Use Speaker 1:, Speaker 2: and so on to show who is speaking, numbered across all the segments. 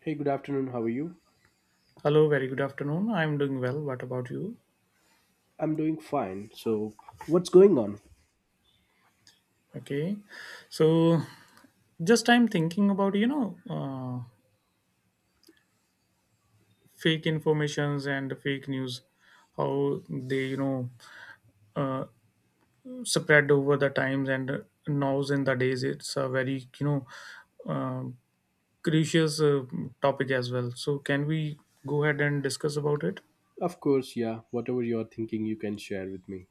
Speaker 1: Hey, good afternoon. How are you?
Speaker 2: Hello, very good afternoon. I'm doing well. What about you?
Speaker 1: I'm doing fine. So, what's going on?
Speaker 2: Okay. So, just I'm thinking about fake informations and fake news, how they, uh, spread over the times and nows in the days. It's a very, uh, crucial topic as well. So, can we go ahead and discuss about it?
Speaker 1: Of course, yeah. Whatever you're thinking, you can share with me.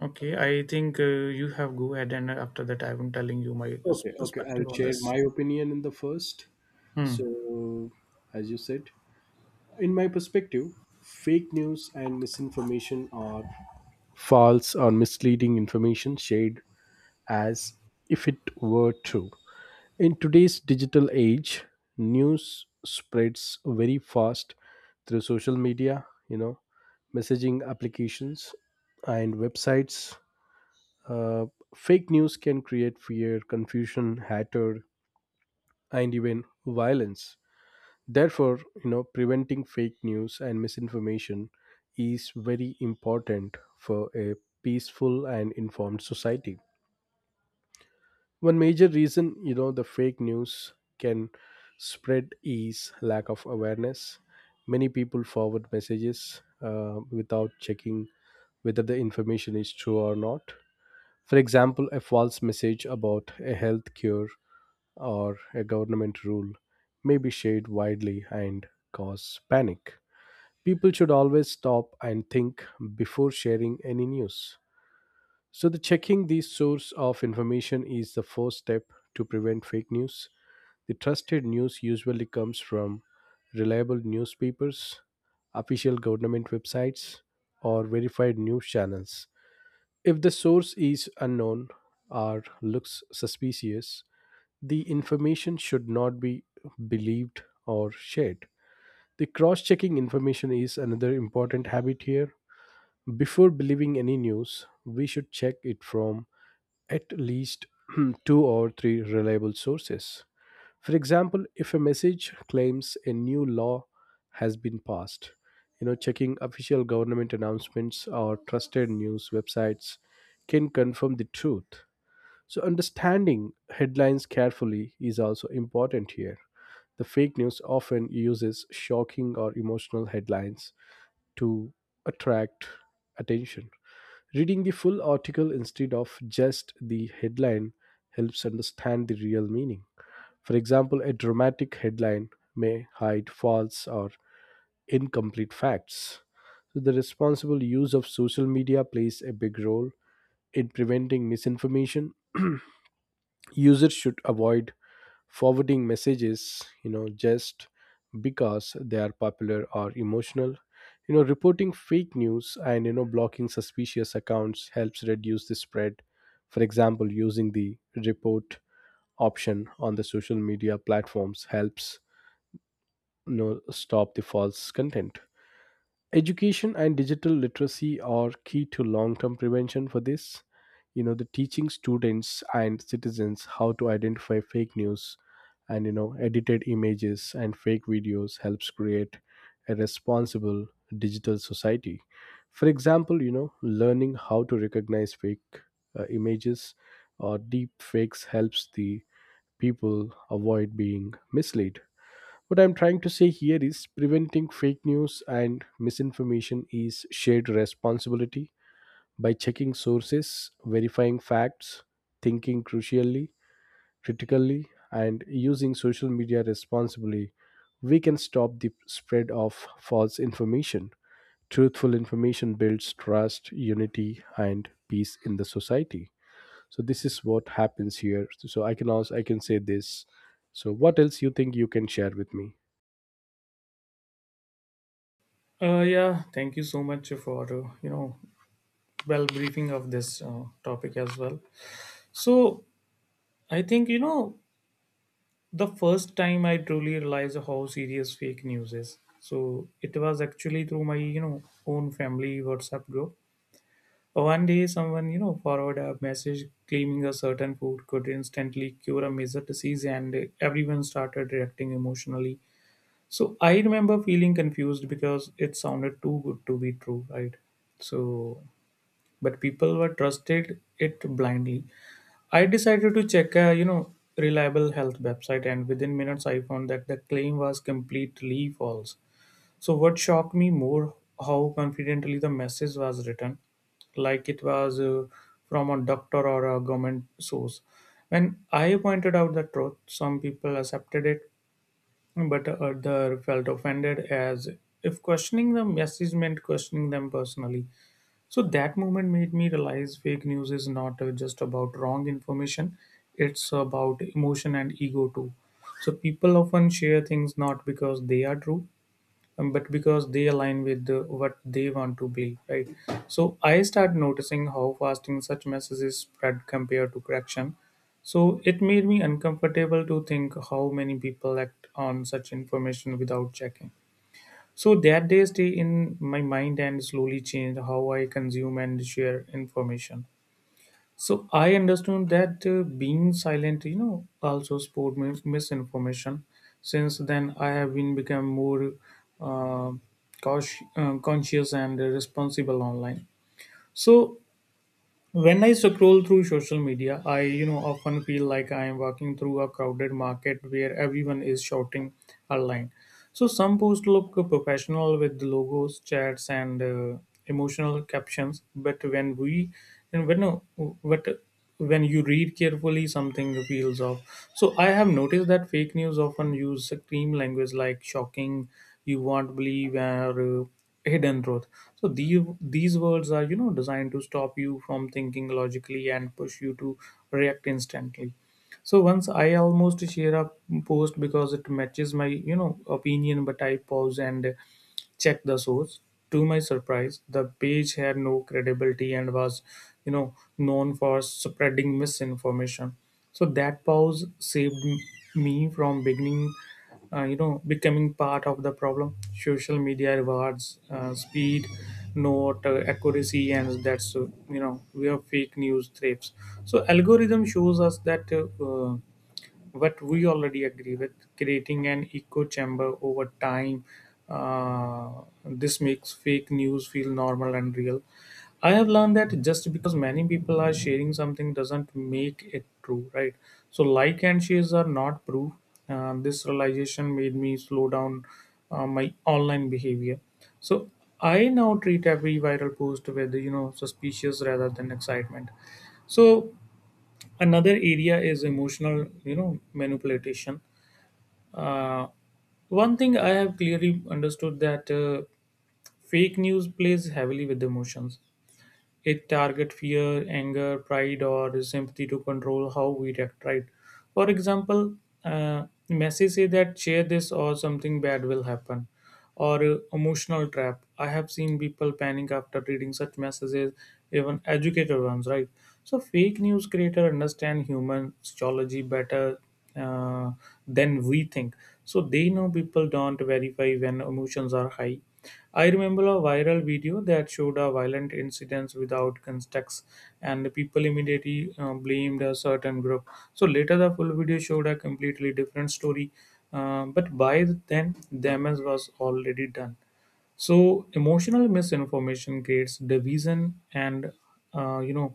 Speaker 2: Okay. I think you have go ahead and after that, I'm telling you my
Speaker 1: Okay, okay.
Speaker 2: perspective
Speaker 1: I'll
Speaker 2: on
Speaker 1: share
Speaker 2: this.
Speaker 1: my opinion in the first.
Speaker 2: Hmm.
Speaker 1: So, as you said, in my perspective, fake news and misinformation are false or misleading information shared as if it were true. In today's digital age, news spreads very fast through social media, messaging applications and websites. Uh, fake news can create fear, confusion, hatred, and even violence. Therefore, preventing fake news and misinformation is very important for a peaceful and informed society. One major reason, the fake news can spread is lack of awareness. Many people forward messages without checking whether the information is true or not. For example, a false message about a health cure or a government rule may be shared widely and cause panic. People should always stop and think before sharing any news. So, the checking the source of information is the first step to prevent fake news. The trusted news usually comes from reliable newspapers, official government websites, or verified news channels. If the source is unknown or looks suspicious, the information should not be believed or shared. The cross checking information is another important habit here. Before believing any news, we should check it from at least two or three reliable sources. For example, if a message claims a new law has been passed, checking official government announcements or trusted news websites can confirm the truth. So, understanding headlines carefully is also important here. The fake news often uses shocking or emotional headlines to attract attention. Reading the full article instead of just the headline helps understand the real meaning. For example, a dramatic headline may hide false or incomplete facts. So, the responsible use of social media plays a big role in preventing misinformation. Users should avoid forwarding messages just because they are popular or emotional, reporting fake news and blocking suspicious accounts helps reduce the spread. For example, using the report option on the social media platforms helps stop the false content. Education and digital literacy are key to long term prevention for this. The teaching students and citizens how to identify fake news and, edited images and fake videos helps create a responsible digital society. For example, learning how to recognize fake images or deep fakes helps the people avoid being misled. What I'm trying to say here is preventing fake news and misinformation is shared responsibility by checking sources, verifying facts, thinking crucially, critically, and using social media responsibly. We can stop the spread of false information. Truthful information builds trust, unity, and peace in the society. So this is what happens here. So I can say this. So what else you think you can share with me?
Speaker 2: Yeah, thank you so much for well briefing of this topic as well. So I think the first time I truly realized how serious fake news is. So it was actually through my own family WhatsApp group. One day, someone forwarded a message claiming a certain food could instantly cure a major disease, and everyone started reacting emotionally. So I remember feeling confused because it sounded too good to be true, right? So but people were trusted it blindly. I decided to check a reliable health website, and within minutes I found that the claim was completely false. So what shocked me more how confidently the message was written, like it was from a doctor or a government source. When I pointed out the truth, some people accepted it, but others felt offended as if questioning the message meant questioning them personally. So that moment made me realize fake news is not just about wrong information, it's about emotion and ego too. So people often share things not because they are true, but because they align with what they want to believe, right? So I start noticing how fasting such messages spread compared to correction. So it made me uncomfortable to think how many people act on such information without checking. So that day stay in my mind and slowly changed how I consume and share information. So I understood that being silent also sport misinformation. Since then, I have been become more uh, cautious, conscious and responsible online. So when I scroll through social media, I often feel like I am walking through a crowded market where everyone is shouting a line. So some posts look professional with logos, chats, and emotional captions. But when we and when but when you read carefully, something feels off. So I have noticed that fake news often use extreme language like shocking, you won't believe, or hidden truth. So these words are designed to stop you from thinking logically and push you to react instantly. So once I almost share a post because it matches my opinion, but I pause and check the source. To my surprise, the page had no credibility and was known for spreading misinformation. So that pause saved me from beginning becoming part of the problem. Social media rewards speed, not accuracy, and that's where fake news thrives. So algorithm shows us that what we already agree with, creating an echo chamber over time. This makes fake news feel normal and real. I have learned that just because many people are sharing something doesn't make it true, right? So, like and shares are not proof. This realization made me slow down my online behavior. So, I now treat every viral post with suspicious rather than excitement. So, another area is emotional manipulation. uh, One thing I have clearly understood that fake news plays heavily with emotions. It target fear, anger, pride, or sympathy to control how we react. Right? For example, Messi say that share this or something bad will happen, or emotional trap. I have seen people panic after reading such messages, even educated ones. Right? So fake news creator understand human psychology better uh, than we think. So they know people don't verify when emotions are high. I remember a viral video that showed a violent incidents without context, and the people immediately blamed a certain group. So later, the full video showed a completely different story, but by then, damage was already done. So emotional misinformation creates division and uh, you know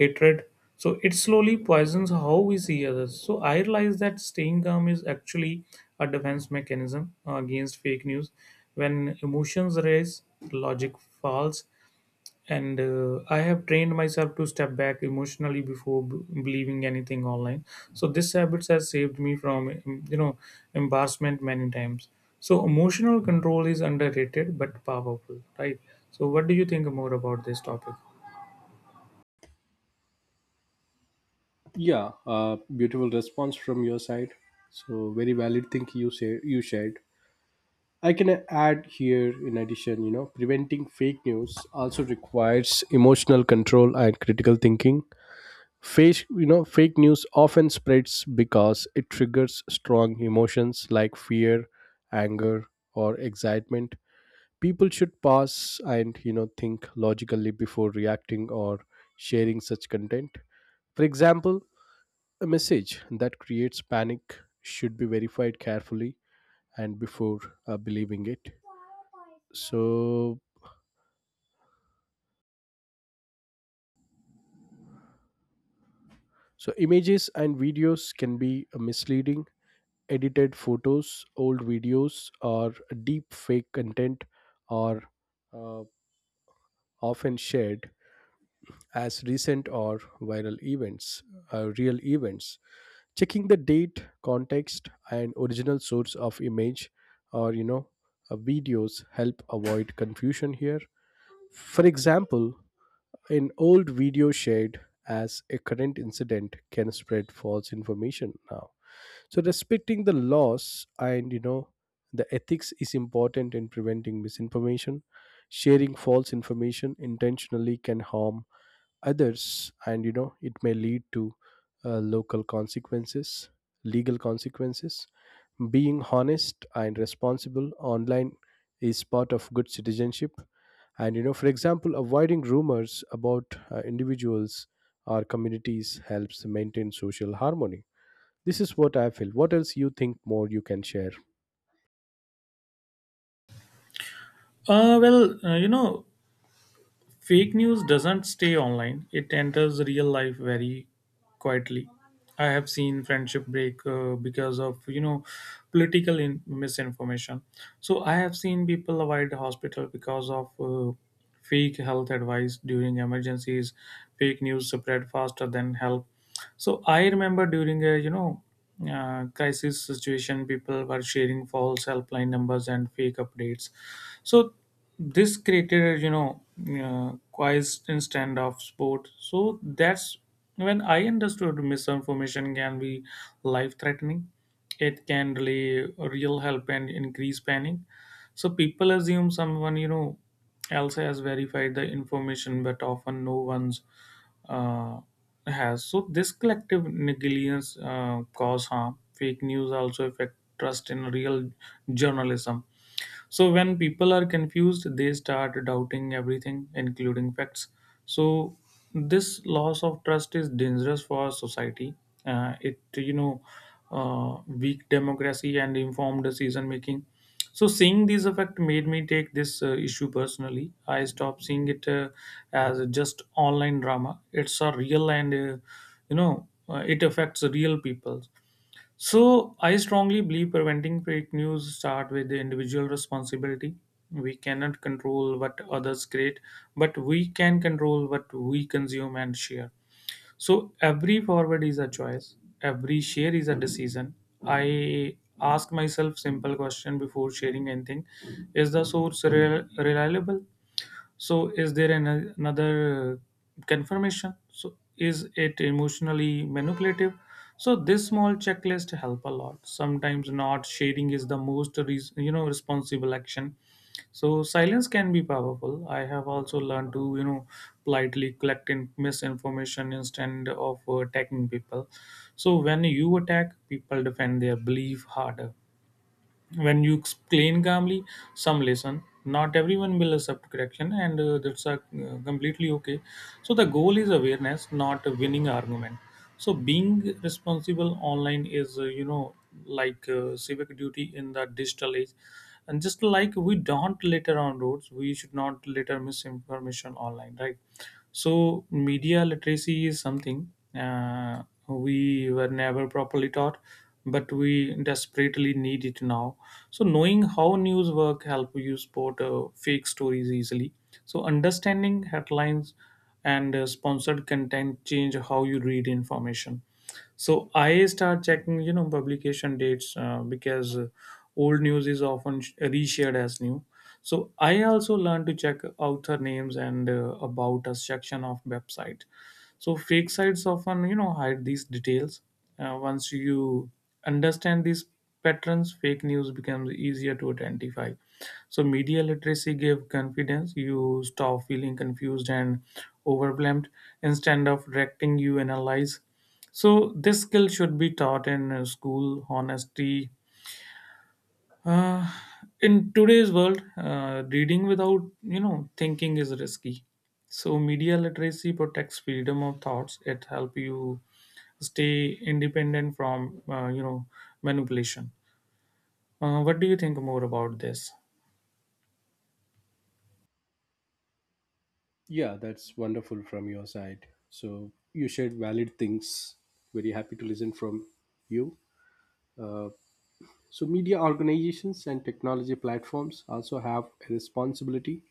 Speaker 2: hatred. So it slowly poisons how we see others. So I realize that staying calm is actually a defense mechanism against fake news. When emotions rise, logic falls, and I have trained myself to step back emotionally before believing anything online. So this habit has saved me from embarrassment many times. So emotional control is underrated but powerful, right? So what do you think more about this topic?
Speaker 1: Yeah, beautiful response from your side. So very valid thing you shared. I can add here in addition, preventing fake news also requires emotional control and critical thinking. Fake news often spreads because it triggers strong emotions like fear, anger, or excitement. People should pause and think logically before reacting or sharing such content. For example, a message that creates panic should be verified carefully and before believing it. So, so, images and videos can be misleading. Edited photos, old videos, or deep fake content are uh, often shared as recent or viral events, real events. Checking the date, context, and original source of image or videos help avoid confusion here. For example, an old video shared as a current incident can spread false information now. So, respecting the laws and the ethics is important in preventing misinformation. Sharing false information intentionally can harm others, and it may lead to local consequences legal consequences. Being honest and responsible online is part of good citizenship. And for example, avoiding rumors about individuals or communities helps maintain social harmony. This is what I feel. What else you think more you can share?
Speaker 2: Well, fake news doesn't stay online, it enters real life very quietly. I have seen friendship break because of political misinformation. So I have seen people avoid hospital because of fake health advice during emergencies. Fake news spread faster than help. So I remember during a crisis situation, people were sharing false helpline numbers and fake updates. So this created constant standoff sport. So that's when I understood misinformation can be life threatening. It can delay real help and increase panic. So people assume someone else has verified the information, but often no one's uh, has. So this collective negligence cause harm. Fake news also affect trust in real journalism. So when people are confused, they start doubting everything, including facts. So this loss of trust is dangerous for society. It weak democracy and informed decision making. So seeing these effect made me take this issue personally. I stopped seeing it as just online drama. It's a real and it affects real people. So I strongly believe preventing fake news start with the individual responsibility. We cannot control what others create, but we can control what we consume and share. So every forward is a choice, every share is a decision. I ask myself simple question before sharing anything. Is the source reliable? So is there another confirmation? So is it emotionally manipulative? So this small checklist help a lot. Sometimes not sharing is the most responsible action. So silence can be powerful. I have also learned to politely collect misinformation instead of attacking people. So when you attack, people defend their belief harder. When you explain calmly, some lesson not everyone will accept correction, and that's completely okay. So the goal is awareness, not a winning argument. So being responsible online is like civic duty in the digital age. And just like we don't litter on roads, we should not litter misinformation online, right? So media literacy is something we were never properly taught, but we desperately need it now. So knowing how news work help you spot fake stories easily. So understanding headlines and sponsored content change how you read information. So I start checking publication dates because old news is often reshared as new. So I also learn to check author names and about us section of website. So fake sites often hide these details. Once you understand these patterns, fake news becomes easier to identify. So media literacy gave confidence. You stop feeling confused and overwhelmed. Instead of reacting, you analyze. So this skill should be taught in school. Honesty. Uh, in today's world, reading without thinking is risky. So media literacy protects freedom of thoughts. It help you stay independent from manipulation. What do you think more about this?
Speaker 1: Yeah, that's wonderful from your side. So you shared valid things. Very happy to listen from you. Uh, so media organizations and technology platforms also have a responsibility.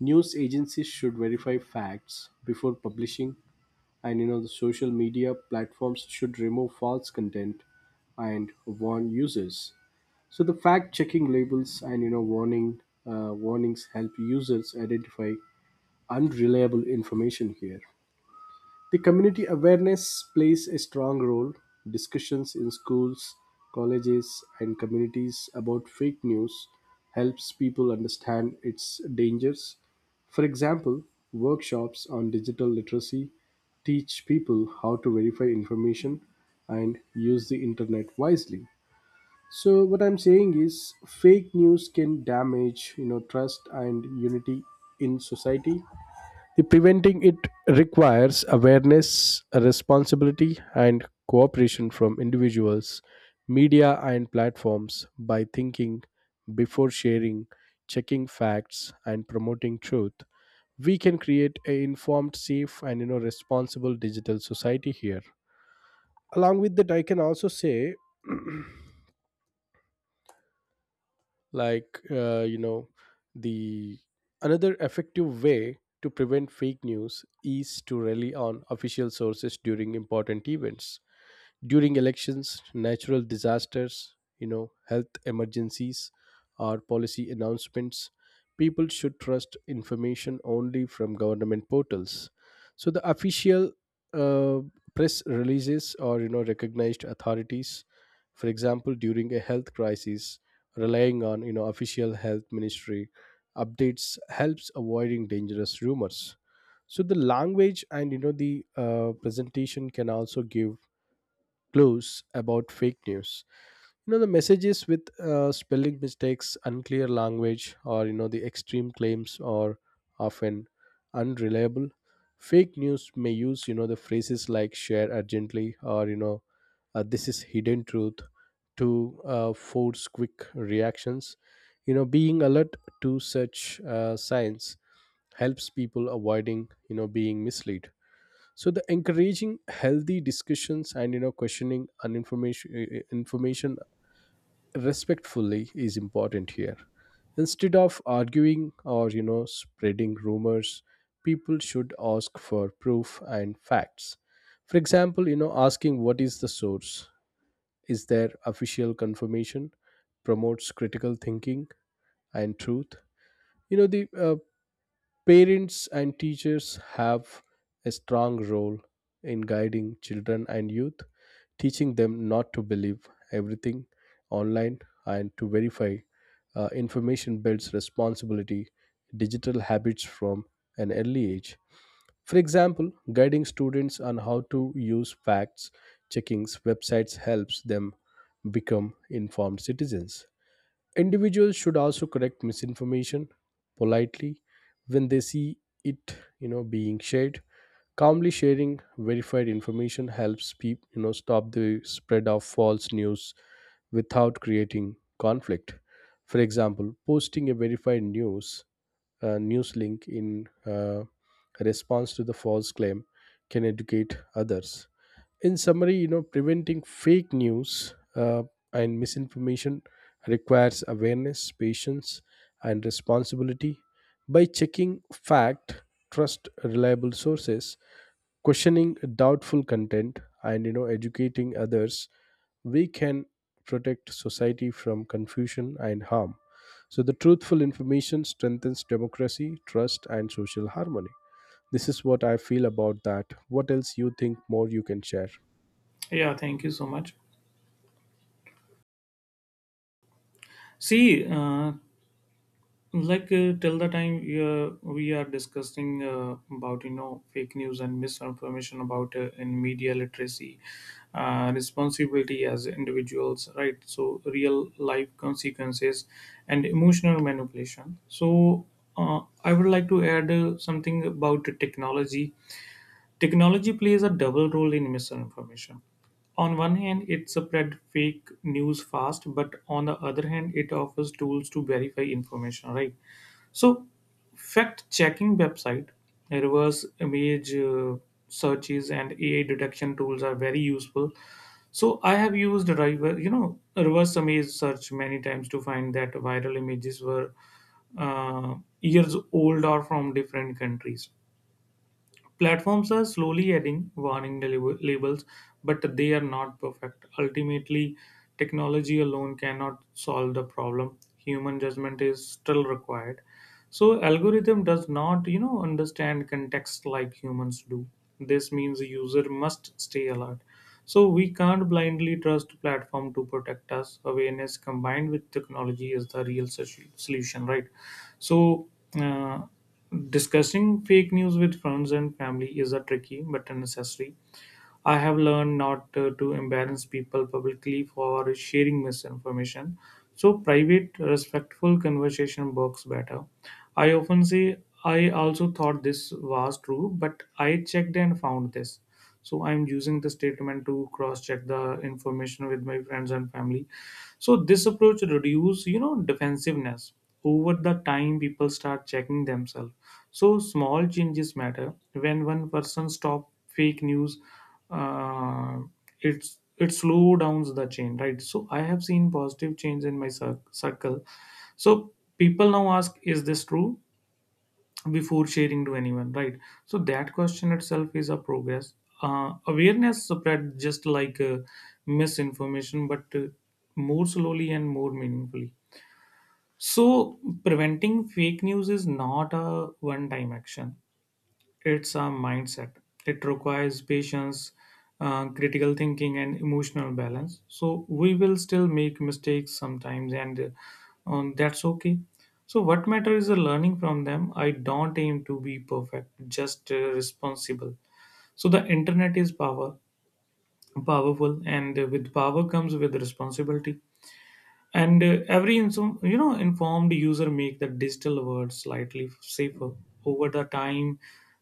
Speaker 1: News agencies should verify facts before publishing, and the social media platforms should remove false content and warn users. So the fact-checking labels and warnings help users identify unreliable information here. The community awareness plays a strong role. Discussions in schools, colleges, and communities about fake news helps people understand its dangers. For example, workshops on digital literacy teach people how to verify information and use the internet wisely. So what I'm saying is fake news can damage, trust and unity in society. The preventing it requires awareness, responsibility and cooperation from individuals, media and platforms by thinking before sharing, checking facts and promoting truth. We can create a informed, safe and responsible digital society here. Along with that, I can also say, like the another effective way to prevent fake news is to rely on official sources during important events. During elections, natural disasters, health emergencies, or policy announcements, people should trust information only from government portals. So the official uh, press releases or recognized authorities. For example, during a health crisis, relying on official health ministry updates helps avoiding dangerous rumors. So the language and you know the presentation can also give clues about fake news. The messages with spelling mistakes, unclear language, or the extreme claims are often unreliable. Fake news may use the phrases like share urgently or this is hidden truth to force quick reactions. Being alert to such signs helps people avoiding being misled. So the encouraging healthy discussions and you know questioning and information information respectfully is important here. Instead of arguing or spreading rumors, people should ask for proof and facts. For example, asking what is the source, is there official confirmation, promotes critical thinking and truth. You know the Parents and teachers have a strong role in guiding children and youth, teaching them not to believe everything online, and to verify information builds responsibility, digital habits from an early age. For example, guiding students on how to use facts checkings websites helps them become informed citizens. Individuals should also correct misinformation politely when they see it being shared. Calmly sharing verified information helps people stop the spread of false news without creating conflict. For example, posting a verified news link in response to the false claim can educate others. In summary, preventing fake news and misinformation requires awareness, patience and responsibility. By checking fact, trust reliable sources, questioning doubtful content, and educating others, we can protect society from confusion and harm. So the truthful information strengthens democracy, trust and social harmony. This is what I feel about that. What else you think more you can share?
Speaker 2: Yeah, thank you so much. See, like till the time we are discussing about fake news and misinformation about in media literacy, responsibility as individuals, right? So real life consequences and emotional manipulation. So I would like to add something about the technology. Technology plays a double role in misinformation. On one hand, it spreads fake news fast, but on the other hand, it offers tools to verify information, right? So, fact checking website, reverse image searches, and AI detection tools are very useful. So, I have used reverse image search many times to find that viral images were uh, years old or from different countries. Platforms are slowly adding warning labels, but they are not perfect. Ultimately, technology alone cannot solve the problem. Human judgment is still required. So algorithm does not understand context like humans do. This means the user must stay alert. So we can't blindly trust platform to protect us. Awareness combined with technology is the real solution, right? So uh, Discussing fake news with friends and family is a tricky but a necessary. I have learned not to embarrass people publicly for sharing misinformation, so private, respectful conversation works better. I often say, I also thought this was true, but I checked and found this. So I'm using the statement to cross check the information with my friends and family, so this approach reduce defensiveness. Over the time people start checking themselves, so small changes matter when one person stop fake news. uh, it's it slow downs the chain, right? So I have seen positive change in my circle. So people now ask, is this true before sharing to anyone, right? So that question itself is a progress. Awareness spread just like misinformation, but more slowly and more meaningfully. So preventing fake news is not a one time action, it's a mindset. It requires patience, critical thinking, and emotional balance. So we will still make mistakes sometimes, and that's okay. So what matters is the learning from them. I don't aim to be perfect, just responsible. So the internet is powerful, and with power comes with responsibility, and every informed user make the digital world slightly safer. Over the time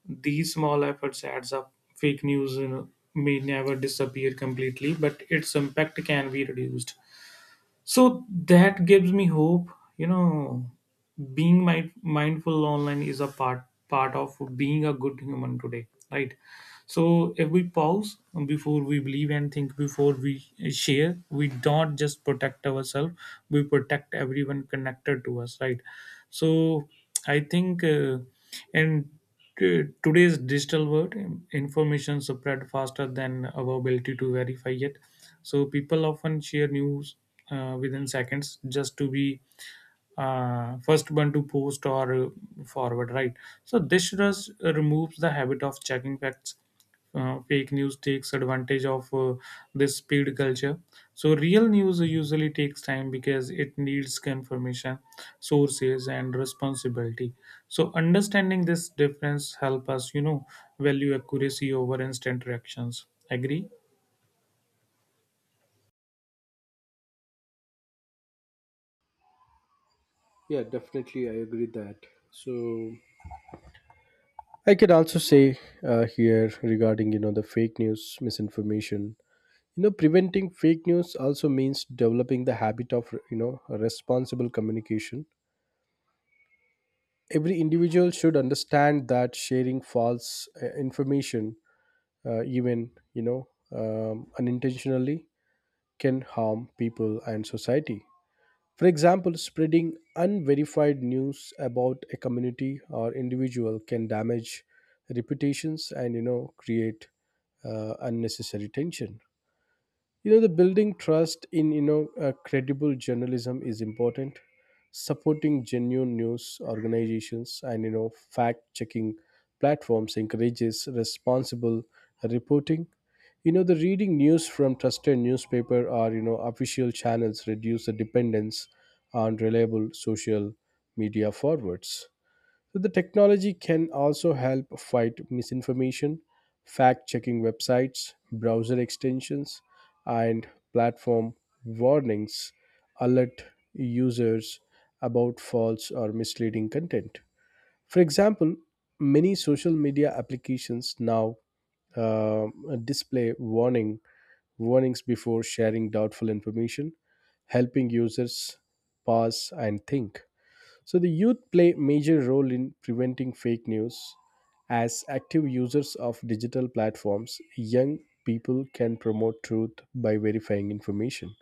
Speaker 2: these small efforts adds up. Fake news, may never disappear completely, but its impact can be reduced. So that gives me hope, you know. Being mindful online is a part of being a good human today, right? So if we pause before we believe, and think before we share, we don't just protect ourselves, we protect everyone connected to us, right? so I think and Today's digital world, information spread faster than our ability to verify it. So people often share news within seconds, just to be first one to post or forward, right? So this rush removes the habit of checking facts. Fake news takes advantage of this speed culture. So real news usually takes time because it needs confirmation, sources, and responsibility. So understanding this difference help us, you know, value accuracy over instant reactions. Agree?
Speaker 1: Yeah, definitely, I agree that. So I can also say here regarding the fake news misinformation. You know, preventing fake news also means developing the habit of responsible communication. Every individual should understand that sharing false information, even unintentionally, can harm people and society. For example, spreading unverified news about a community or individual can damage reputations, and create unnecessary tension. The building trust in credible journalism is important. Supporting genuine news organizations and fact checking platforms encourages responsible reporting. The reading news from trusted newspaper or official channels reduce the dependence on reliable social media forwards. So the technology can also help fight misinformation. Fact checking websites, browser extensions, and platform warnings alert users about false or misleading content. For example, many social media applications now uh, display warnings before sharing doubtful information, helping users pause and think. So the youth play major role in preventing fake news. As active users of digital platforms, young people can promote truth by verifying information.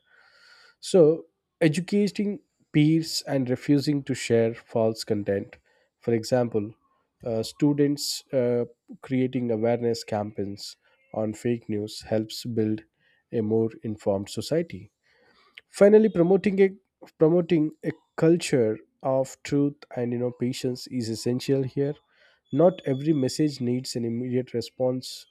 Speaker 1: So, educating peers and refusing to share false content. For example, students creating awareness campaigns on fake news helps build a more informed society. Finally, promoting a culture of truth and patience is essential here. Not every message needs an immediate response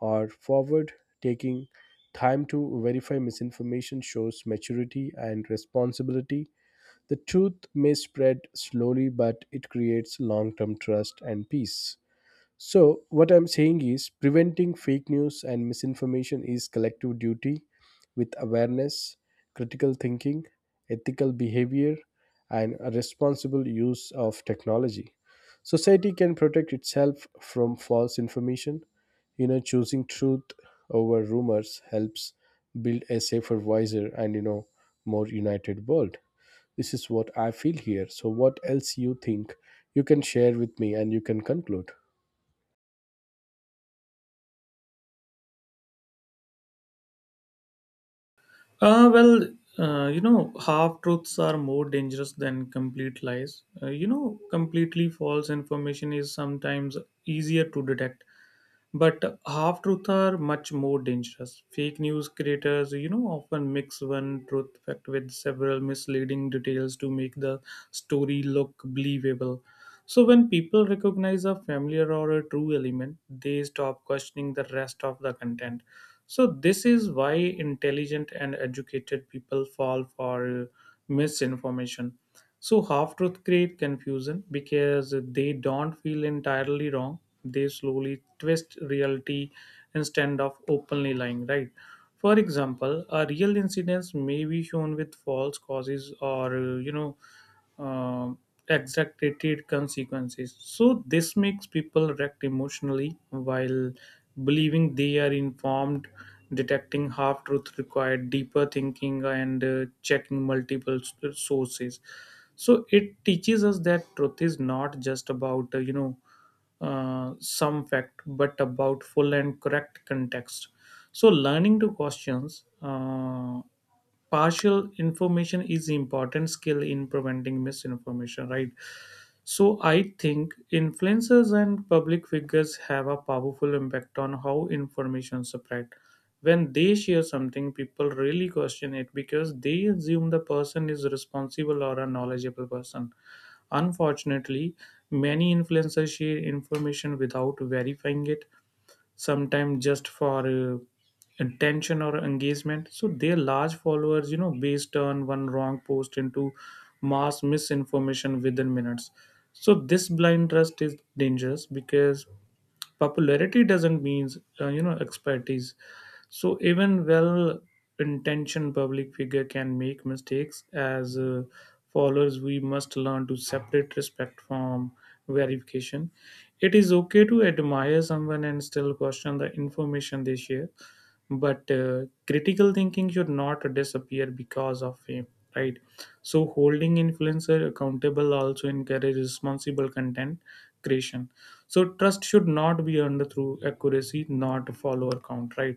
Speaker 1: or forward. Taking time to verify misinformation shows maturity and responsibility. The truth may spread slowly, but it creates long term trust and peace. So, what I'm saying is preventing fake news and misinformation is collective duty with awareness, critical thinking, ethical behavior, and a responsible use of technology. Society can protect itself from false information. You know, choosing truth over rumors helps build a safer, wiser, and more united world. This is what I feel here. So, what else you think you can share with me and you can conclude?
Speaker 2: Uh, well, you know, half truths are more dangerous than complete lies. You know, completely false information is sometimes easier to detect, but half truths are much more dangerous. Fake news creators, you know, often mix one truth fact with several misleading details to make the story look believable. So when people recognize a familiar or a true element, they stop questioning the rest of the content. So this is why intelligent and educated people fall for misinformation. So half truth create confusion because they don't feel entirely wrong. They slowly twist reality instead of openly lying, right? For example, a real incident may be shown with false causes or uh, exaggerated consequences. So this makes people react emotionally while believing they are informed. Detecting half truth required deeper thinking and checking multiple sources. So it teaches us that truth is not just about some fact, but about full and correct context. So learning to questions. Partial information is important skill in preventing misinformation, right? So I think influencers and public figures have a powerful impact on how information spread. When they share something, people really question it because they assume the person is responsible or a knowledgeable person. Unfortunately, many influencers share information without verifying it, sometimes just for attention or engagement. So their large followers, you know, based turn one wrong post into mass misinformation within minutes. So this blind trust is dangerous because popularity doesn't mean expertise. So even well-intentioned public figure can make mistakes. As followers, we must learn to separate respect from verification. It is okay to admire someone and still question the information they share, but critical thinking should not disappear because of fame. Right. So holding influencer accountable also encourages responsible content creation. So trust should not be earned through accuracy, not follower count, right?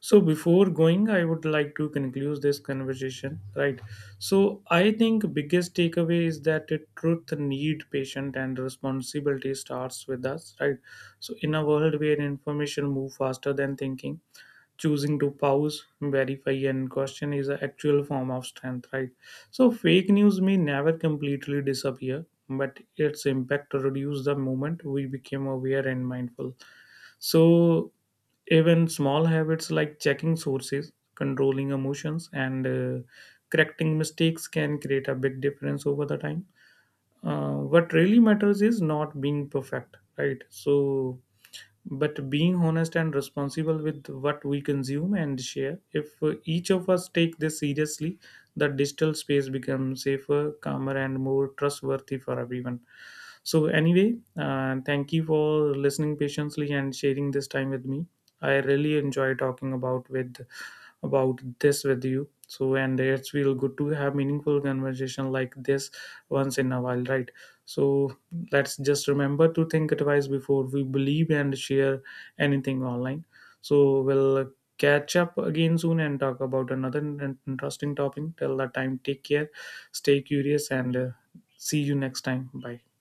Speaker 2: So before going, I would like to conclude this conversation, right? So I think biggest takeaway is that the truth need patient and responsibility starts with us, right? So in a world where information move faster than thinking, choosing to pause, verify and question is an actual form of strength, right? So fake news may never completely disappear, but its impact reduce the moment we became aware and mindful. So, even small habits like checking sources, controlling emotions, and correcting mistakes can create a big difference over the time. What really matters is not being perfect, right? So, but being honest and responsible with what we consume and share. If each of us take this seriously, the digital space becomes safer, calmer, and more trustworthy for everyone. So, anyway, thank you for listening patiently and sharing this time with me. I really enjoy talking about this with you. So, and it's real good to have meaningful conversation like this once in a while, right? So, let's just remember to think twice before we believe and share anything online. So, we'll catch up again soon and talk about another interesting topic. Till that time, take care, stay curious, and see you next time. Bye.